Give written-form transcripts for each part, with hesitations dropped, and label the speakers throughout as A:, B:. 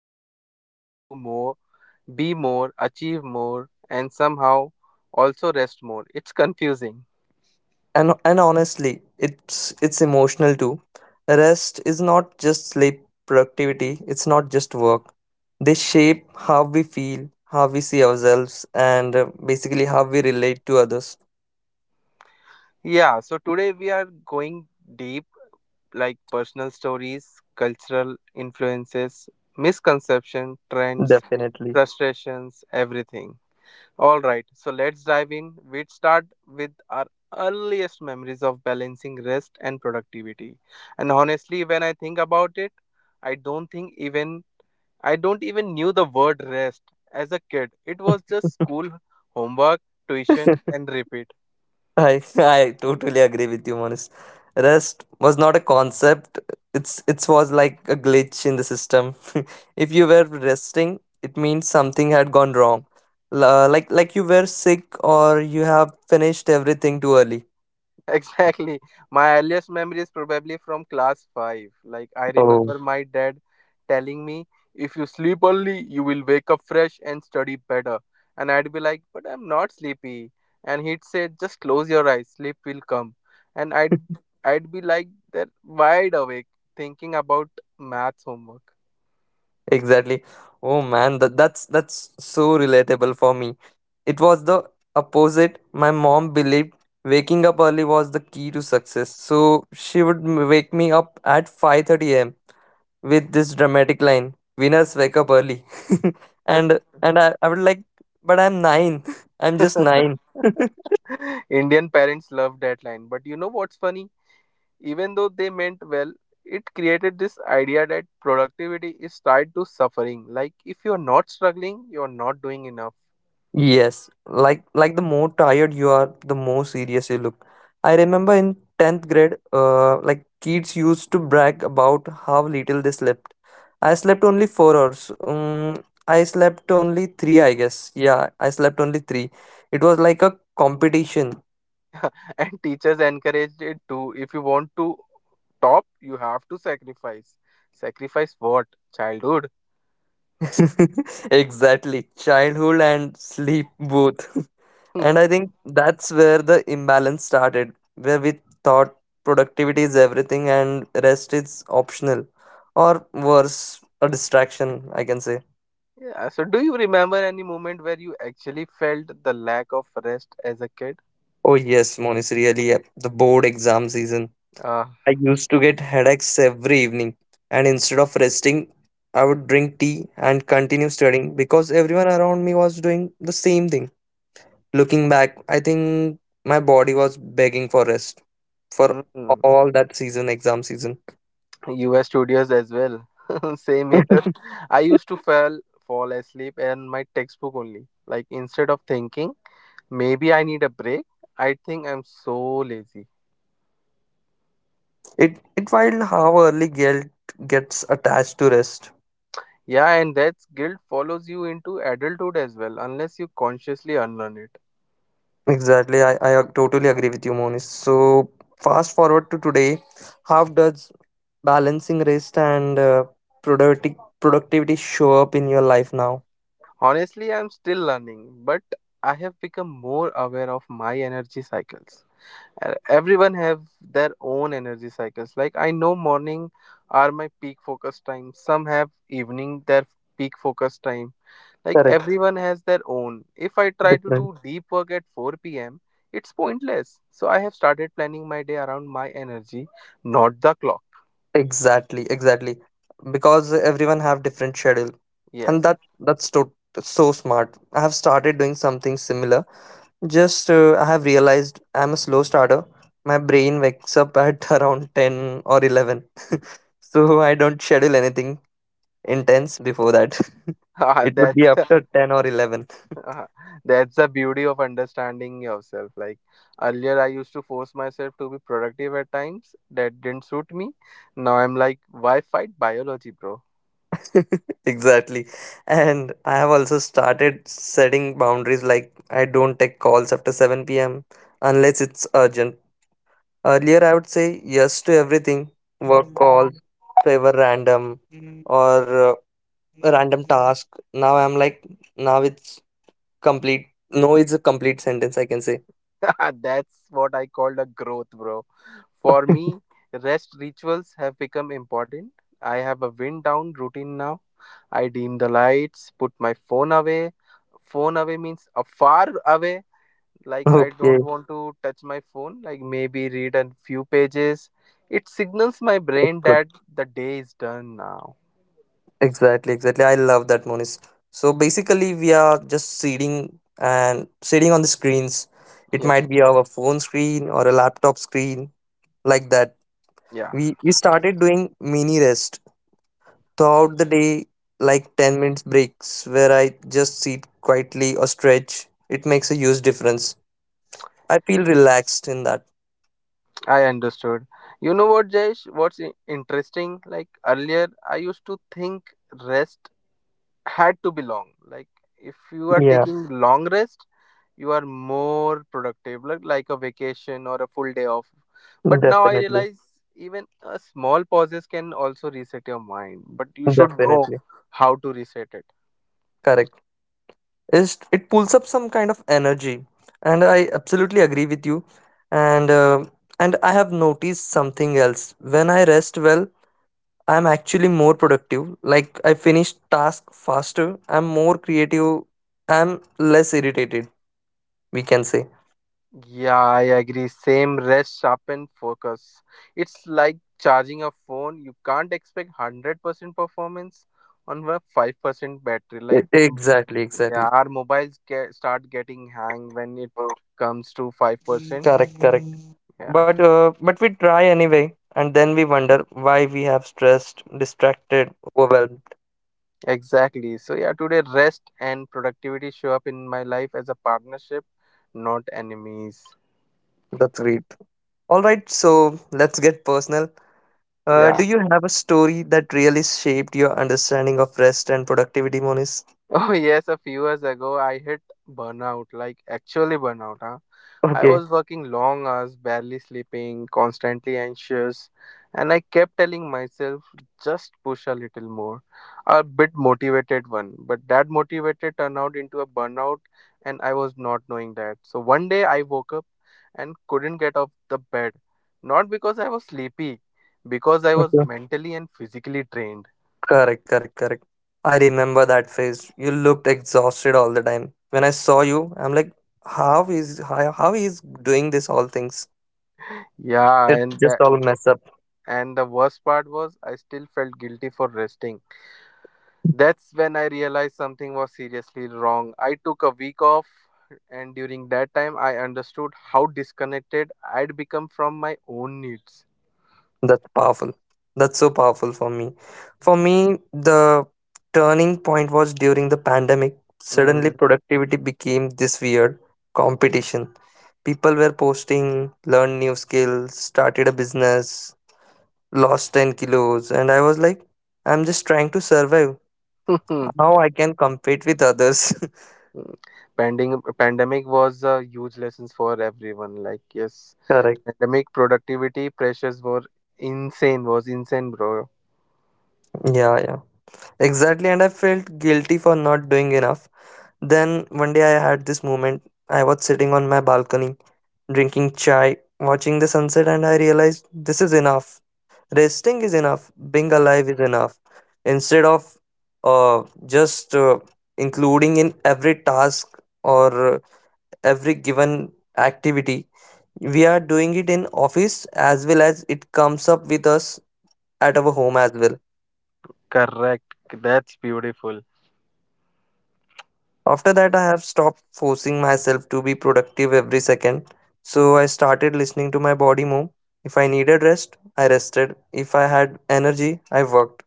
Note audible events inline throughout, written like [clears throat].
A: Everyone is trying to do more, be more, achieve more and somehow also rest more. It's confusing.
B: And honestly, it's emotional too. Rest is not just sleep, productivity, it's not just work. They shape how we feel, how we see ourselves, and basically how we relate to others.
A: Yeah, so today we are going deep like personal stories, cultural influences, misconception, trends,
B: Definitely.
A: frustrations, everything. All right, so let's dive in. We'd start with our earliest memories of balancing rest and productivity. And honestly, when I think about it, I don't think even I don't even knew the word rest as a kid. It was just school, homework, tuition
B: [laughs]
A: and repeat.
B: I I totally agree with you, Monis. Rest was not a concept. It was like a glitch in the system. [laughs] If you were resting, it means something had gone wrong. La like you were sick or you have finished everything too early.
A: [laughs] Exactly. My earliest memory is probably from class 5. Like, I
B: Oh.
A: remember my dad telling me, if you sleep early, you will wake up fresh and study better. And I'd be like, but I'm not sleepy. And he'd say, just close your eyes, sleep will come. And I'd be like that wide awake thinking about maths homework.
B: Exactly. Oh man, that's that's so relatable for me. It was the opposite. My mom believed waking up early was the key to success. So she would wake me up at 5:30 a.m. with this dramatic line, "Winners wake up early." [laughs] and
A: [laughs]
B: and I would like, but I'm 9. [laughs] I'm just 9. [laughs]
A: Indian parents love that line. But you know what's funny? Even though they meant well, it created this idea that productivity is tied to suffering. Like, if you're not struggling, you're not doing enough.
B: Yes, like the more tired you are, the more serious you look. I remember in 10th grade, like kids used to brag about how little they slept. I slept only 4 hours. I slept only 3, I guess. Yeah, I slept only 3. It was like a competition.
A: [laughs] And teachers encouraged it too. If you want to top, you have to sacrifice. Sacrifice what? Childhood.
B: [laughs] Exactly. Childhood and sleep both. [laughs]
A: Hmm.
B: And I think that's where the imbalance started, where we thought productivity is everything and rest is optional, or worse, a distraction, I can say.
A: Yeah, so do you remember any moment where you actually felt the lack of rest as a kid?
B: Oh, yes, Monis, really, yeah, the board exam season.
A: Uh,
B: I used to get headaches every evening, and instead of resting, I would drink tea and continue studying because everyone around me was doing the same thing. Looking back, I think my body was begging for rest for
A: mm.
B: all that season, exam season.
A: US studios as well. [laughs] Same
B: [laughs]
A: here. I used to fall asleep and my textbook only. Like instead of thinking, maybe I need a break, I think I'm so lazy.
B: It wild how early guilt gets attached to rest.
A: Yeah, and that guilt follows you into adulthood as well, unless you consciously unlearn it.
B: Exactly, totally agree with you, Monish. So fast forward to today, how does balancing rest and productivity show up in your life now?
A: Honestly, I'm still learning, but I have become more aware of my energy cycles. Everyone have their own energy cycles like I know morning are my peak focus time, some have evening their peak focus time, like
B: Correct.
A: everyone has their own. If I try to
B: Different.
A: do deep work at 4 p.m, it's pointless, so I have started planning my day around my energy, not the clock.
B: Exactly, exactly. Because everyone have different schedule, and
A: Yes.
B: so smart. I have started doing something similar. Just I have realized I'm a slow starter. My brain wakes up at [laughs] around 10 or 11. [laughs] So I don't schedule anything intense before that.
A: [laughs]
B: [laughs]
A: Ah,
B: It would be
A: that's
B: after 10 or 11.
A: [laughs] Uh, that's the beauty of understanding yourself. Like earlier, I used to force myself to be productive at times that didn't suit me. Now I'm like, why fight biology, bro?
B: [laughs] Exactly. And I have also started setting boundaries like I don't take calls after 7 p.m. unless it's urgent. Earlier I would say yes to everything.
A: [laughs] That's what I called a growth, bro. For me, rest rituals have become important. I have a wind down routine now. I dim the lights, put my phone away. Phone away means a far away, like I
B: Okay,
A: don't want to touch my phone, like maybe read a few pages. It signals my
B: it's
A: brain
B: good.
A: that the day is done now.
B: Exactly, exactly. I love that, Monis. So basically, we are just sitting and sitting on the screens. It
A: Yep.
B: might be our phone screen or a laptop screen, like that.
A: Yeah,
B: We started doing mini rest throughout the day, like 10 minutes breaks where I just sit quietly or stretch. It makes a huge difference. I feel relaxed in that.
A: I understood. You know what, Jayesh, what's interesting, like earlier I used to think rest had to be long, like if you are
B: Yeah,
A: taking long rest you are more productive, like a vacation or a full day off, but now I
B: definitely,
A: realize even a small pauses can also reset your mind, but you should know
B: definitely.
A: how to reset it.
B: Correct. Is it pulls up some kind of energy, and I absolutely agree with you, and uh, and I have noticed something else. When I rest well, I'm actually more productive, like I finish task faster, I'm more creative, I'm less irritated, we can say.
A: Yeah, I agree, same. Rest sharpen focus. It's like charging a phone, you can't expect 100% performance on a 5% battery like
B: Exactly, exactly.
A: yeah, our mobiles get, start getting hang when it comes to 5%. Yeah. Exactly. So, yeah, today rest and productivity show up in my life as a partnership, not enemies.
B: That's great. All right, so let's get personal.
A: Yeah.
B: Do
A: [laughs]
B: you have a story that really shaped your understanding of rest and productivity, Monis?
A: Oh, yes, a few years ago I hit burnout, like actually burnout, huh? I
B: Okay.
A: was working long hours, barely sleeping, constantly anxious, and I kept telling myself, just push a little more. A bit motivated one, but that motivated turned out into a burnout, and I was not knowing that. So one day I woke up and couldn't get off the bed. Not because I was sleepy, because I was
B: Okay.
A: mentally and physically drained.
B: Correct, correct, correct. I remember that phase. You looked exhausted all the time. When I saw you, I'm like, how is doing this all things?
A: Yeah,
B: It's just all mess up.
A: and the worst part was I still felt guilty for resting. That's when I realized something was seriously wrong. I took a week off, and during that time, I understood how disconnected I'd become from my own needs.
B: That's powerful. That's so powerful for me. For me, the turning point was during the pandemic. Suddenly,
A: Mm-hmm.
B: productivity became this weird competition. People were posting, learned new skills, started a business, lost 10 kilos, and I was like, I'm just trying to survive. How I can compete with others? [laughs]
A: Pending, [laughs] pandemic was a huge lessons for everyone. Like, yes,
B: Correct.
A: pandemic productivity pressures were insane, was insane, bro.
B: Yeah, yeah. Exactly. And I felt guilty for not doing enough. Then one day I had this moment. I was sitting on my balcony drinking chai, watching the sunset, and I realized this is enough. Resting is enough. Being alive is enough. Instead of just including in every task or every given activity, we are doing it in office as well as it comes up with us at our home as well.
A: Correct. That's beautiful.
B: After that, I have stopped forcing myself to be productive every second. So I started listening to my body more. If I needed rest, I rested. If I had energy, I worked.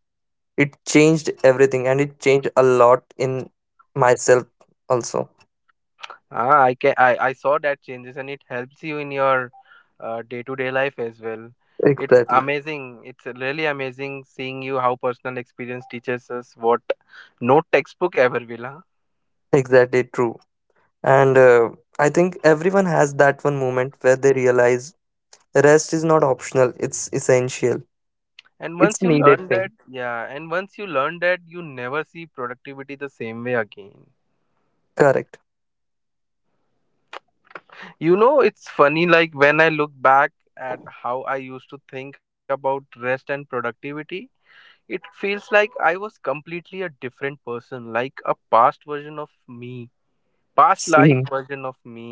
B: It changed everything and it changed a lot in myself also.
A: Ah, I can I saw that changes and it helps you in your day-to-day life as well. It's
B: Exactly.
A: amazing. It's really amazing seeing you how personal experience teaches us what no textbook ever will. Huh?
B: Exactly true. And I think everyone has that one moment where they realize rest is not optional, it's essential.
A: And
B: It's
A: once you
B: needed
A: learn that,
B: thing.
A: yeah, and once you learn that, you never see productivity the same way again.
B: Correct.
A: You know, it's funny like when I look back at how I used to think about rest and productivity, it feels like I was completely a different person, like a past version of me, past life
B: Same.
A: version of me.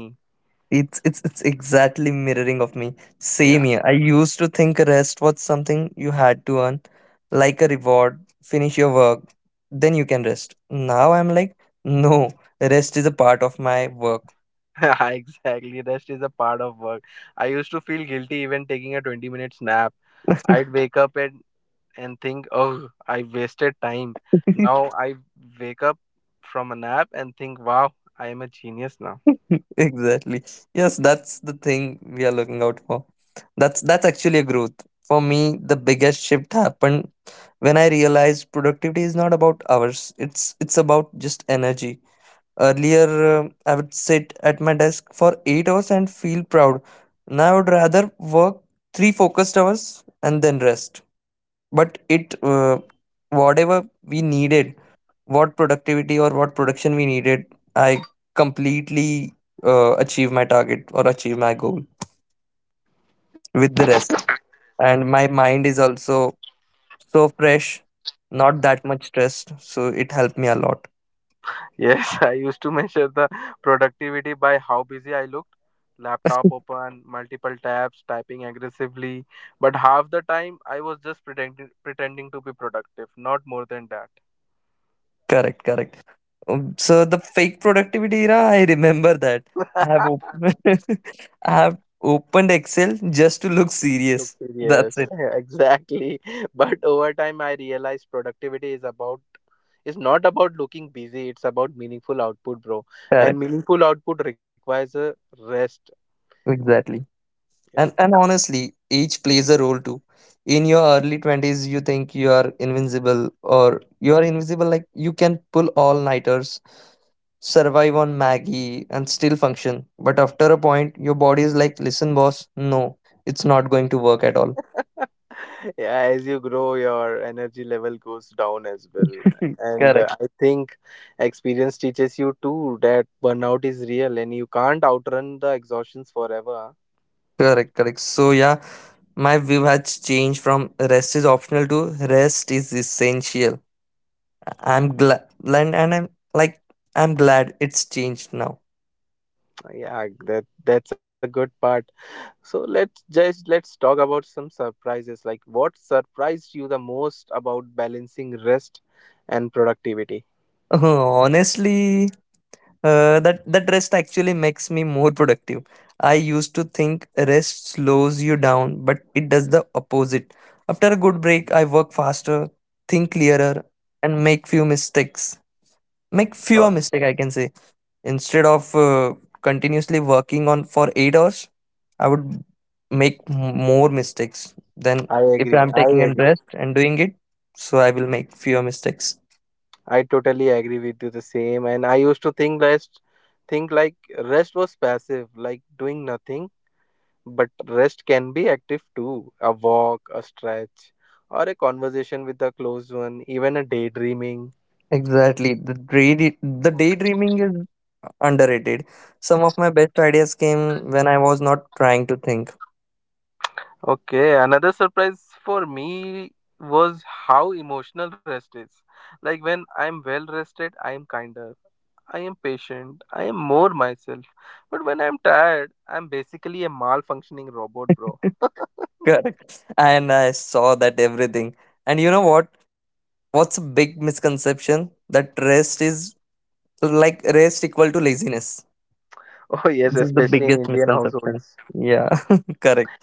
B: It's exactly mirroring of me. Same
A: Yeah,
B: here. I used to think rest was something you had to earn, like a reward. Finish your work, then you can rest. Now I'm like, no, rest is a part of my work.
A: [laughs] exactly. Rest is a part of work. I used to feel guilty even taking a 20-minute nap. I'd wake up and, think, oh, I wasted time. Now I wake up from a nap and think, wow, I am a genius now.
B: [laughs] Exactly. Yes, that's the thing we are looking out for. That's actually a growth. For me, the biggest shift happened when I realized productivity is not about hours. It's about just energy. Earlier, I would sit at my desk for 8 hours and feel proud. Now, I would rather work three focused hours and then rest. But whatever we needed, what productivity or what production we needed, I completely achieve my target or achieve my goal with the rest. And my mind is also so fresh, not that much stressed. So it helped me a lot.
A: Yes, [laughs] I used to measure the productivity by how busy I looked. Laptop open, multiple tabs, typing aggressively. But half the time, I was just pretending, pretending to be productive, not more than
B: [laughs] Correct, correct. So the fake productivity era, I remember that.
A: that.
B: I have opened,
A: [laughs]
B: [laughs] I have opened Excel just to look
A: Look
B: serious. That's
A: serious.
B: it.
A: [laughs] Exactly. But over time, I realized productivity is about is not about looking busy. It's about meaningful output, bro. And
B: Correct.
A: meaningful output requires a rest.
B: Exactly.
A: Yeah.
B: And honestly, age plays a role too. In your early twenties, you think you are invincible, or you are invincible like you can pull all nighters, survive on Maggie, and still function. But after a point, your body is like, listen, boss, no, it's not going to work at all.
A: [laughs] Yeah, as you grow your energy level goes down as well,
B: [laughs]
A: and
B: Correct.
A: I think experience teaches you too that burnout is real and you can't outrun the exhaustions forever.
B: Correct, correct. So yeah, my view has changed from rest is optional to rest is essential. I'm glad, and I'm like I'm glad it's changed now.
A: Yeah, that's a good part. So let's talk about some surprises, like what surprised you the most about balancing rest and productivity.
B: [laughs] Honestly, that rest actually makes me more productive. I used to think rest slows you down, but it does the opposite. After a good break, I work faster, think clearer, and make few mistakes. Make
A: Oh,
B: fewer mistakes, I can say. Instead of continuously working on for 8 hours, I would make more mistakes than if I'm
A: I
B: taking a
A: agree,
B: rest and doing it. So I will make fewer mistakes.
A: I totally agree with you the same. And I used to think rest think like rest was passive, like doing nothing. But rest can be active too. A walk, a stretch, or a conversation with a close one, even a daydreaming.
B: Exactly. The daydreaming is underrated. Some of my best ideas came when I was not trying to think.
A: Okay, another surprise for me was how emotional rest is. Like when I'm well rested, I am kinder. I am patient. I am more myself. But when I'm tired, I'm basically a malfunctioning robot, bro. [laughs]
B: Correct. And I saw that everything. And you know what? What's a big misconception? That rest is like rest equal to laziness.
A: [laughs] Oh, yes,
B: This is the
A: especially in
B: biggest
A: Indian
B: misconception.
A: households.
B: Yeah, [laughs] correct.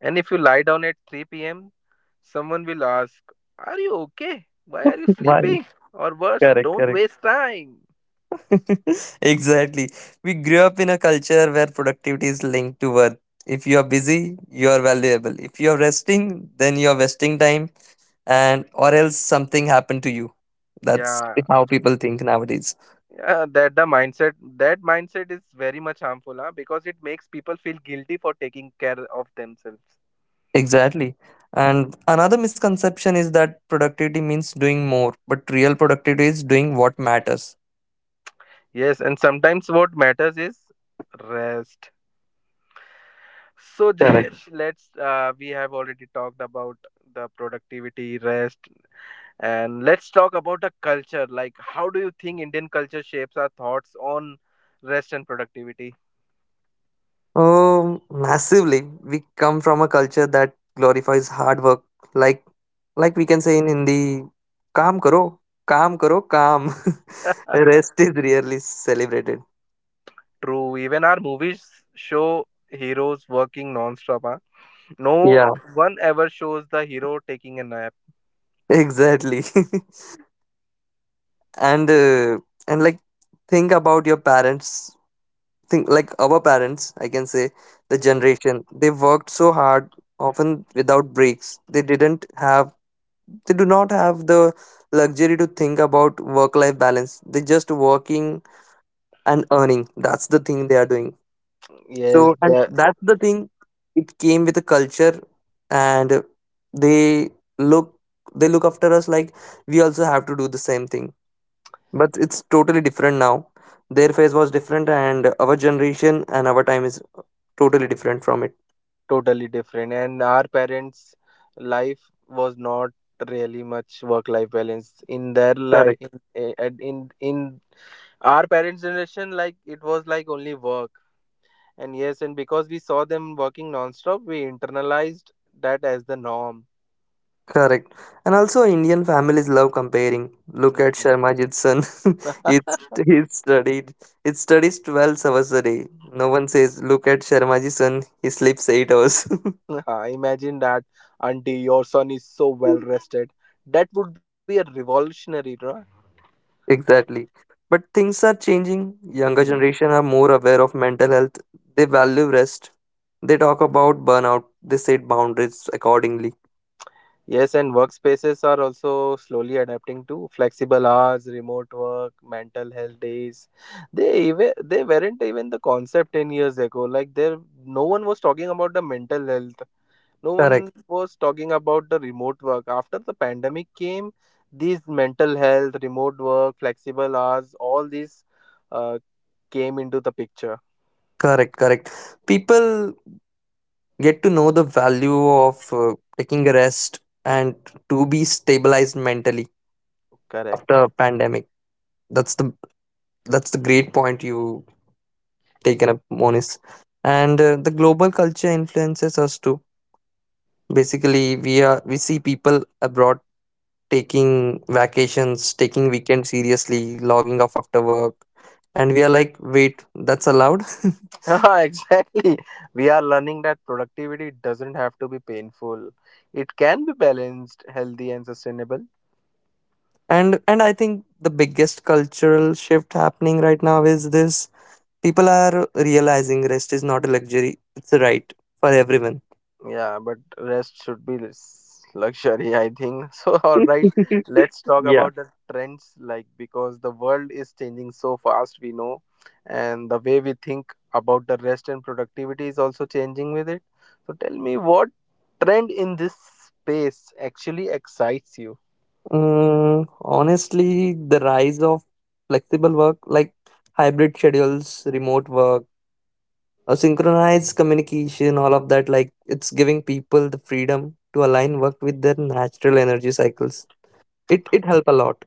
A: And if you lie down at 3 p.m., someone will ask, are you okay? Why are you
B: Why?
A: sleeping? Or worse,
B: Correct,
A: don't
B: correct.
A: waste time.
B: [laughs] Exactly. We grew up in a culture where productivity is linked to worth. If you are busy, you are valuable. If you are resting, then you are wasting time and or else something happened to you. That's
A: Yeah,
B: how people think nowadays.
A: yeah, that the mindset, that mindset is very much harmful, huh? Because it makes people feel guilty for taking care of themselves.
B: Exactly. And another misconception is that productivity means doing more, but real productivity is doing what matters.
A: Yes, and sometimes what matters is rest. So [laughs] Jayesh, let's we have already talked about the productivity, rest, and let's talk about a culture. Like, how do you think Indian culture shapes our thoughts on rest and productivity?
B: Oh, massively. We come from a culture that glorifies hard work. Like, like we can say in Hindi, "Kaam karo, kaam karo, kaam." [laughs]
A: [laughs]
B: Rest is rarely celebrated.
A: True, even our movies show heroes working non-stop. Huh? No
B: Yeah,
A: one ever shows the hero taking a nap.
B: exactly. [laughs] and uh, and like, think about your parents. Think like our parents. I can say the
A: Mhm.
B: generation they worked so hard, often without breaks. They do not have the luxury to think about work life balance. They're just working and earning, that's the thing they are doing. So
A: Yes,
B: and
A: that's
B: that's the thing, it came with a culture, and they look look after us like we also have to do the same thing, but it's totally different now. Their phase was different and our generation and our time is totally different from it.
A: totally different. And our parents' life was not really much work-life balance in their life.
B: Correct.
A: In, eh, at- in our parents' generation, like it was like only work. And yes, and because we saw them working nonstop, we internalized that as the norm.
B: Correct. And also Indian families love comparing. Look at
A: Mhm.
B: Sharmajit's son. [laughs] It's he
A: [laughs]
B: studied he studies 12 hours a day. No one says, look at Sharmaji's son, he sleeps 8 hours. [laughs]
A: Ah, imagine that, auntie, your son is so well rested. That would be a revolutionary, right?
B: Exactly. But things are changing. Younger
A: Mhm.
B: generation are more aware of mental health. They value rest. They talk about burnout. They set boundaries accordingly.
A: Yes, and workspaces are also slowly adapting to flexible hours, remote work, mental health days. They weren't even the concept 10 years ago. Like there, no one was talking about the mental health. No one
B: Correct.
A: was talking about the remote work. After the pandemic came, these mental health, remote work, flexible hours, all these uh, came into the picture.
B: Correct. Correct. People get to know the value of taking a rest and to be stabilized mentally after
A: Correct.
B: a pandemic. that's the that's the great point you taken up, Monis. And the global culture influences us too. Basically, we see people abroad taking vacations, taking weekends seriously, logging off after work, and we are like, wait, that's allowed?
A: [laughs] Yeah, exactly, we are learning that productivity doesn't have to be painful, it can be balanced, healthy and sustainable.
B: [laughs] And I think the biggest cultural shift happening right now is this. People are realizing rest is not a luxury, it's a right for everyone.
A: Yeah, but rest should be less [laughs] luxury, I think. [laughs] So, all
B: [laughs]
A: right, let's talk
B: Yeah.
A: about the trends, like because the world is changing so fast, we know, and the way we think about the rest and productivity is also changing with it. So, tell me what trend in this space actually excites you?
B: Honestly, the rise of flexible work like hybrid schedules, remote work, or synchronized communication, all of that, like it's giving people the freedom to align work with their natural energy cycles. It help a lot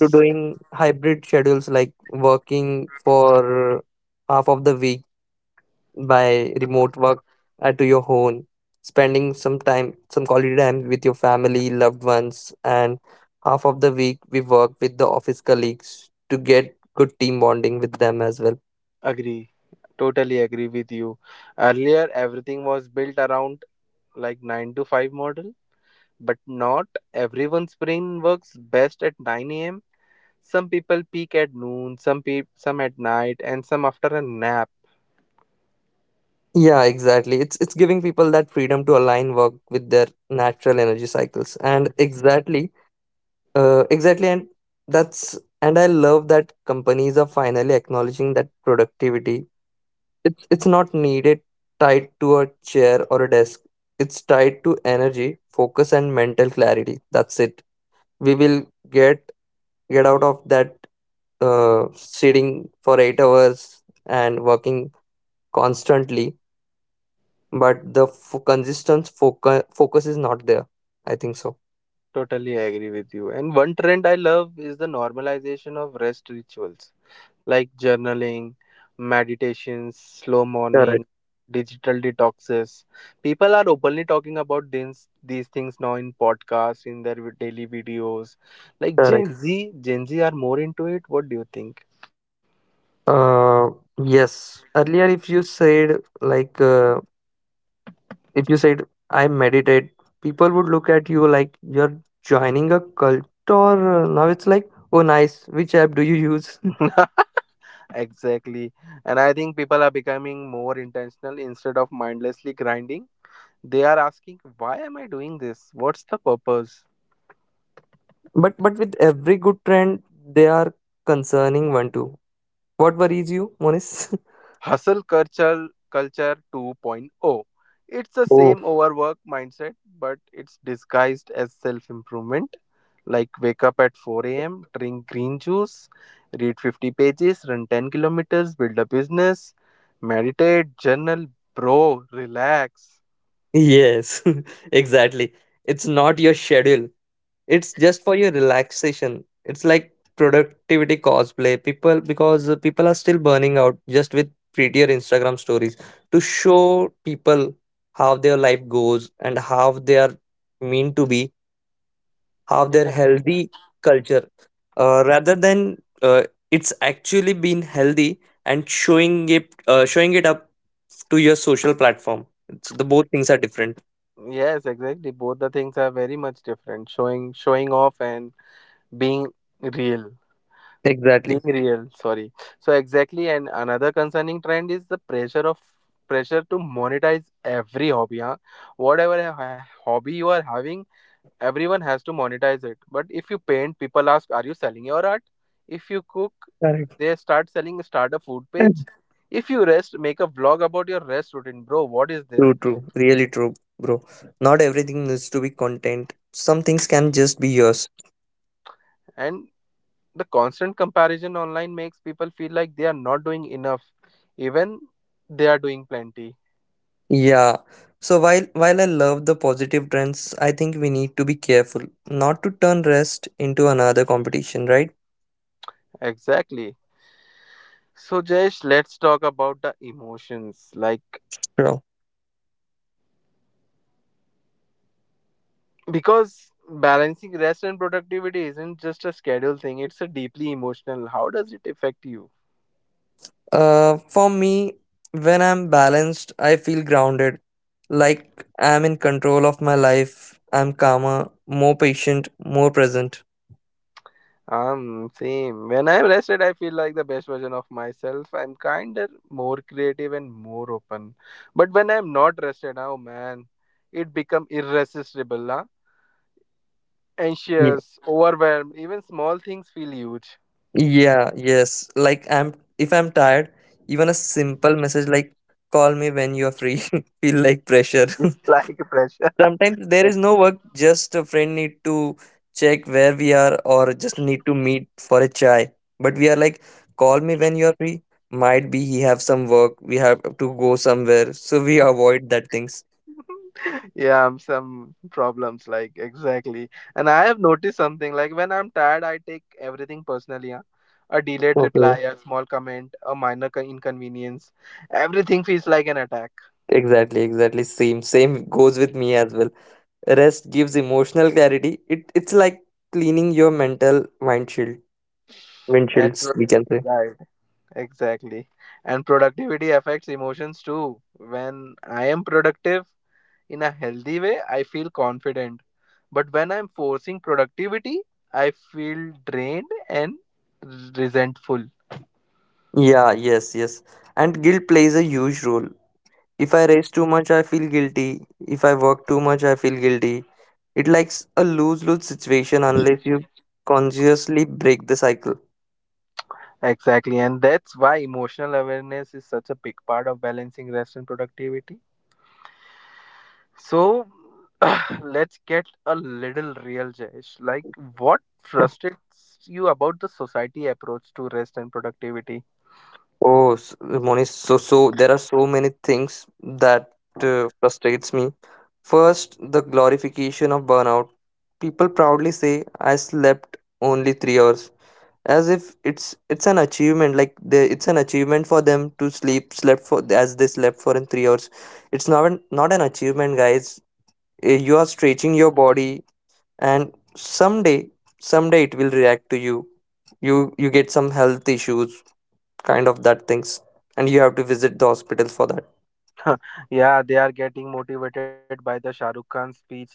B: to doing hybrid schedules like working for half of the week by remote work to your home, spending some time, some quality time with your family, loved ones, and half of the week we work with the office colleagues to get good team bonding with them as well.
A: agree. Totally agree with you. Earlier, everything was built around like 9 to 5 model. But not everyone's brain works best at 9 a.m. Some people peak at noon, some at night, and some after a nap.
B: Yeah, exactly. It's giving people that freedom to align work with their natural energy cycles. And exactly, exactly, and that's and I love that companies are finally acknowledging that productivity. It's not needed tied to a chair or a desk. It's tied to energy, focus, and mental clarity. That's it. We will get out of that sitting for 8 hours and working constantly, but the consistent focus is not there. I think so.
A: Totally agree with you. And one trend I love is the normalization of rest rituals like journaling, meditations, slow
B: Correct.
A: morning, digital detoxes. People are openly talking about these things now in podcasts, in their daily videos. Like
B: Correct.
A: Gen Z are more into it. What do you think?
B: Uh, yes. Earlier, if you said like. If you said, I meditate, people would look at you like you're joining a cult, or now it's like, oh, nice, which app do you use?
A: [laughs] Exactly. And I think people are becoming more intentional instead of mindlessly grinding. They are asking, why am I doing this? What's the purpose?
B: [laughs] But with every good trend, they are concerning one too. What worries you, Monis? [laughs]
A: Hustle culture 2.0. It's the
B: Oh,
A: same overwork mindset, but it's disguised as self-improvement. Like wake up at 4 a.m., drink green juice, read 50 pages, run 10 kilometers, build a business, meditate, journal, bro, relax.
B: yes, [laughs] exactly. It's not your schedule. It's just for your relaxation. It's like productivity cosplay. People are still burning out just with prettier Instagram stories to show people how their life goes and how they are mean to be, how their
A: [laughs]
B: healthy culture, rather than uh, it's actually been healthy and showing it up to your social platform. It's the both things are different.
A: Yes, exactly. Both the things are very much different. Showing off and being real.
B: Exactly.
A: Being real, sorry. So exactly, and another concerning trend is the pressure to monetize every hobby, huh? Whatever hobby you are having, everyone has to monetize it. But if you paint, people ask, "Are you selling your art?" If you cook,
B: Correct.
A: they start selling, start a food page. If you rest, make a vlog about your rest routine, bro. What is
B: True,
A: this?
B: true, really true, bro. Not everything needs to be content. Some things can just be yours.
A: And The constant comparison online makes people feel like they are not doing enough, even they are doing plenty.
B: Yeah. So while I love the positive trends, I think we need to be careful not to turn rest into another competition, right?
A: Exactly. So, Jayesh, let's talk about the emotions.
B: Bro.
A: Because balancing rest and productivity isn't just a schedule thing, it's a deeply emotional. How does it affect you?
B: For me, when I'm balanced, I feel grounded. Like I'm in control of my life. I'm calmer, more patient, more present.
A: Same. When I'm rested, I feel like the best version of myself. I'm kinder, more creative, and more open. But when I'm not rested, oh man, it become irresistible. Anxious, overwhelmed. Even small things feel huge.
B: Yeah, yes. Like I'm if I'm tired, even a simple message like "call me when you are free" [laughs] feel like pressure.
A: [laughs] Like pressure.
B: [laughs]
A: [laughs]
B: Sometimes there is
A: Like,
B: no work, just a friend need to check where we are or just need to meet for a chai. But we are like "call me when you are free". Might be he have some work, we have to go somewhere, so we avoid that things.
A: yeah, some problems, like exactly. And I have noticed something like when I'm tired, I take everything personally. Huh? A delayed
B: Okay.
A: reply, a small comment, a minor inconvenience. Everything feels like an attack.
B: Exactly, exactly. Same goes with me as well. Rest gives emotional clarity. It's like cleaning your mental windshield.
A: And
B: Windshields,
A: pro-
B: we can say.
A: right, exactly. And productivity affects emotions too. When I am productive, in a healthy way, I feel confident. But when I'm forcing productivity, I feel drained and resentful.
B: Yeah, yes, yes. And guilt plays a huge role. If I race too much, I feel guilty. If I work too much, I feel guilty. It likes a lose lose situation unless you consciously break the cycle.
A: Exactly. And that's why emotional awareness is such a big part of balancing rest and productivity. So [clears throat] let's get a little real, Jayesh. Like, what
B: [laughs]
A: frustrates you about the society approach to rest and productivity?
B: Oh, Monish, so there are so many things that frustrates me. First, the glorification of burnout. People proudly say, "I slept only 3 hours." As if it's an achievement, it's an achievement for them to sleep slept for as they slept for in 3 hours. It's not an achievement, guys. You are stretching your body, and someday it will react to you. You get some health issues, kind of that things, and you have to visit the hospital for that.
A: [laughs] Yeah, they are getting motivated by the Shah Rukh Khan speech. Like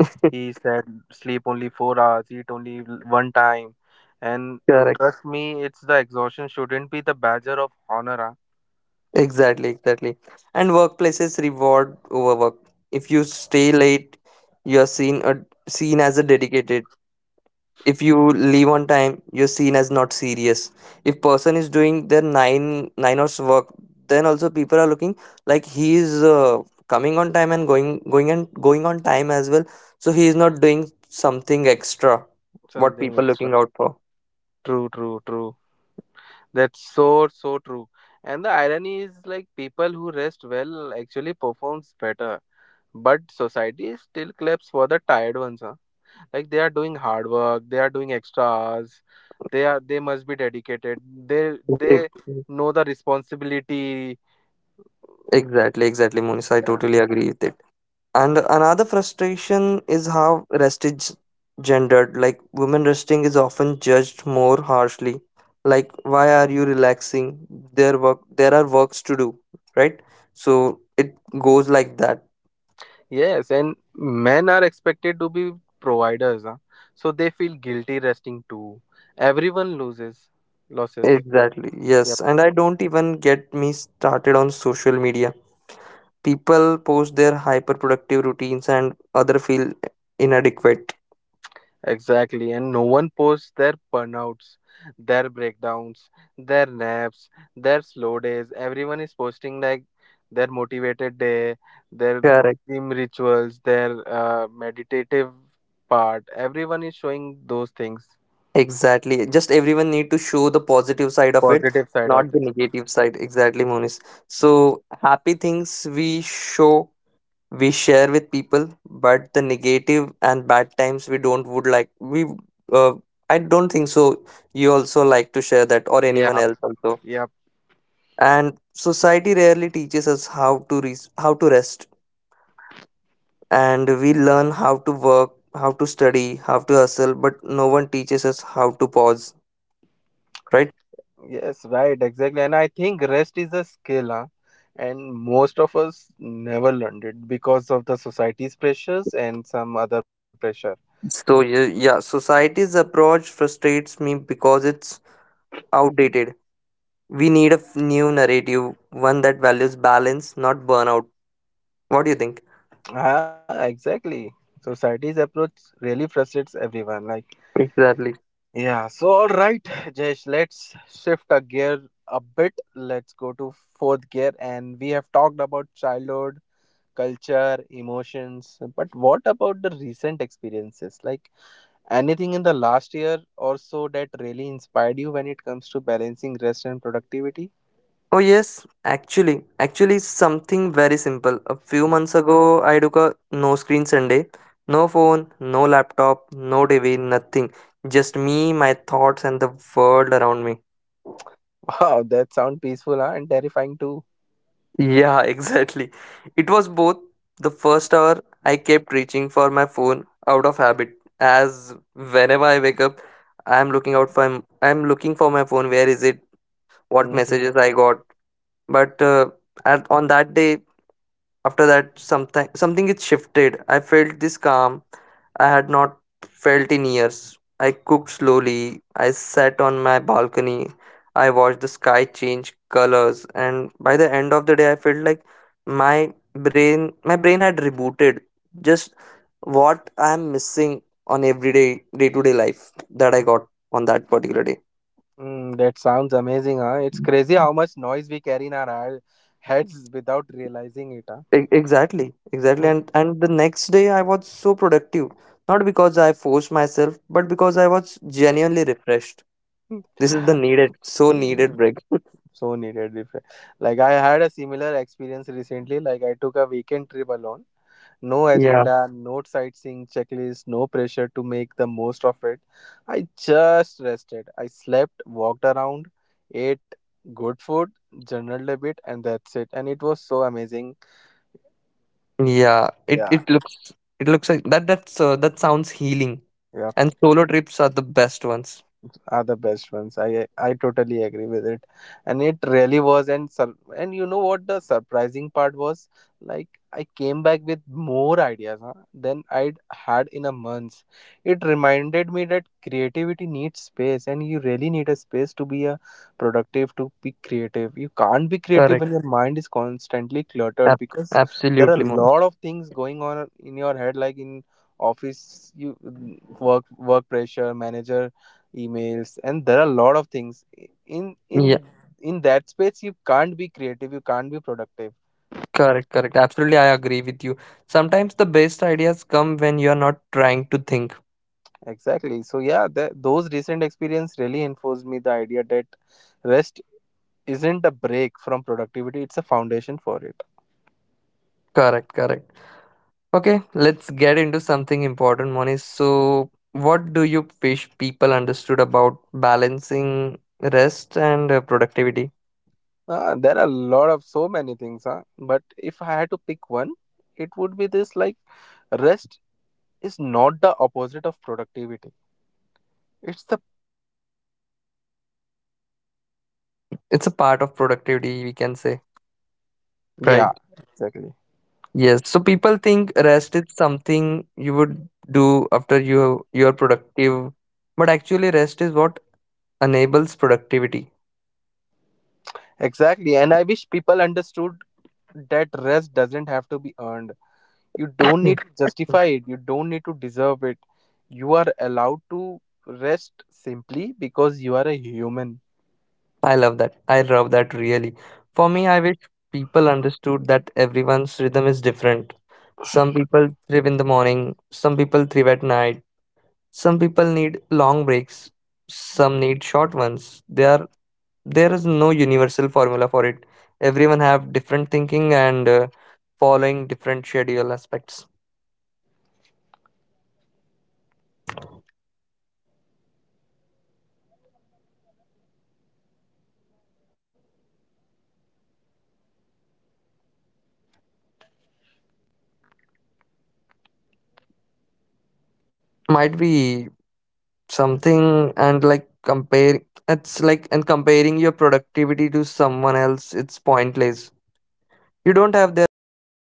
A: he said, sleep only 4 hours, eat only one time, and
B: [laughs]
A: trust me, it's the exhaustion shouldn't be the badger of honor. Huh?
B: Exactly, exactly. And workplaces reward overwork. If you stay late, you're seen as a dedicated. If you leave on time, you're seen as not serious. If person is doing their nine hours work, then also people are looking like he is coming on time and going and going on time as well. So he is not doing something extra. What
A: Something
B: people
A: extra.
B: looking out for?
A: True, true, true. That's so true. And the irony is like people who rest well actually performs better. But society still claps for the tired ones, huh? Like they are doing hard work, they are doing extra hours, they are they must be dedicated. They
B: Ex-
A: know the responsibility.
B: Exactly, exactly, Munis. I
A: Yeah.
B: totally agree with it. And another frustration is how rest is gendered. Like women resting is often judged more harshly. Like why are you relaxing? There are works to do, right? So it goes like that.
A: Yes, and men are expected to be providers, huh? So they feel guilty resting too. Everyone loses losses.
B: Exactly. Yes. And I don't even get me started on social media. People post their hyperproductive routines and other feel inadequate.
A: Exactly, and no one posts their burnouts, their breakdowns, their naps, their slow days. Everyone is posting like their motivated day, their
B: Correct.
A: gym rituals, their meditative part. Everyone is showing those things,
B: Exactly. Just everyone need to show the positive side of it,
A: positive side of
B: not the
A: them.
B: negative side. Exactly, Monis.
A: Yep.
B: So happy things we show, we share with people, but the negative and bad times we don't would like we uh, I don't think so. You also like to share that or anyone
A: Yep,
B: else also.
A: yep,
B: And society rarely teaches us how to rest, and we learn how to work, how to study, how to hustle, but no one teaches us how to pause, right?
A: yes, right, exactly. And I think rest is a skill, huh? And most of us never learned it because of the society's pressures and some other pressure.
B: So yeah, yeah, society's approach frustrates me because it's outdated. We need a new narrative, one that values balance, not burnout. What do you think?
A: Ah, exactly. Society's approach really frustrates everyone. Like,
B: Exactly.
A: yeah. So, all right, Jesh, let's shift a gear a bit. Let's go to fourth gear, and we have talked about childhood, culture, emotions. But what about the recent experiences? Like, anything in the last year or so that really inspired you when it comes to balancing rest and productivity? [laughs]
B: Oh yes, actually something very simple. A few months ago, I took a no screen Sunday. No phone, no laptop, no TV, nothing. Just me, my thoughts, and the world around me.
A: Wow, that sound peaceful, huh? And terrifying too.
B: Yeah, [laughs] exactly. It was both. The first hour I kept reaching for my phone out of habit, as whenever I wake up, I'm looking for my phone. Where is it? What
A: [laughs]
B: messages I got? But on that day, after that, something it shifted. I felt this calm I had not felt in years. I cooked slowly. I sat on my balcony. I watched the sky change colors, and by the end of the day, I felt like my brain my brain had rebooted. Just what I am missing on everyday day to day life that I got on that particular day.
A: Mm, that sounds amazing, huh? It's crazy how much noise we carry in our heads without realizing it, huh?
B: Exactly, exactly.
A: Mm.
B: And the next day I was so productive, not because I forced myself, but because I was genuinely refreshed. This is the
A: [laughs]
B: needed, so
A: Mm,
B: needed break. [laughs]
A: so needed. Like I had a similar experience recently. Like I took a weekend trip alone. No
B: Yeah.
A: agenda, no sightseeing checklist, no pressure to make the most of it. I just rested. I slept, walked around, ate good food, journaled a bit, and that's it. And it was so amazing.
B: Yeah. It
A: Yeah.
B: it looks it looks like that sounds healing.
A: Yeah.
B: And solo trips are the best ones.
A: Are the best ones. I totally agree with it, and it really was. And and you know what the surprising part was? Like I came back with more ideas huh, than I'd had in a month. It reminded me that creativity needs space, and you really need a space to be a productive, to be creative. You can't be creative
B: Correct.
A: when your mind is constantly cluttered
B: Ab-
A: because there are
B: absolutely,
A: a
B: Monas.
A: lot of things going on in your head, like in office you work pressure manager emails and there are a lot of things in
B: Yeah,
A: in in that space you can't be creative you can't be productive
B: correct, correct. Absolutely, I agree with you. Sometimes the best ideas come when you're not trying to think.
A: exactly so yeah that, those recent experience really enforced me the idea that rest isn't a break from productivity it's a foundation for it.
B: Correct, correct. Okay, let's get into something important, Moni. So, what do you wish people understood about balancing rest and productivity?
A: There are a lot of so many things huh? But if I had to pick one it would be this like rest is not the opposite of productivity it's the
B: It's a part of productivity, we can say,
C: Yeah,
B: right?
C: exactly.
B: Yes. So people think rest is something you would do after you're productive, but actually rest is what enables productivity.
C: Exactly. And I wish people understood that rest doesn't have to be earned. You don't need to justify it, you don't need to deserve it. You are allowed to rest simply because you are a human.
B: I love that. I love that really. For me, I wish people understood that everyone's rhythm is different. Some people thrive in the morning, some people thrive at night, some people need long breaks, some need short ones. There is no universal formula for it. Everyone have different thinking and following different schedule aspects. Might be something and like compare it's like and comparing your productivity to someone else, it's pointless. You don't have their life, their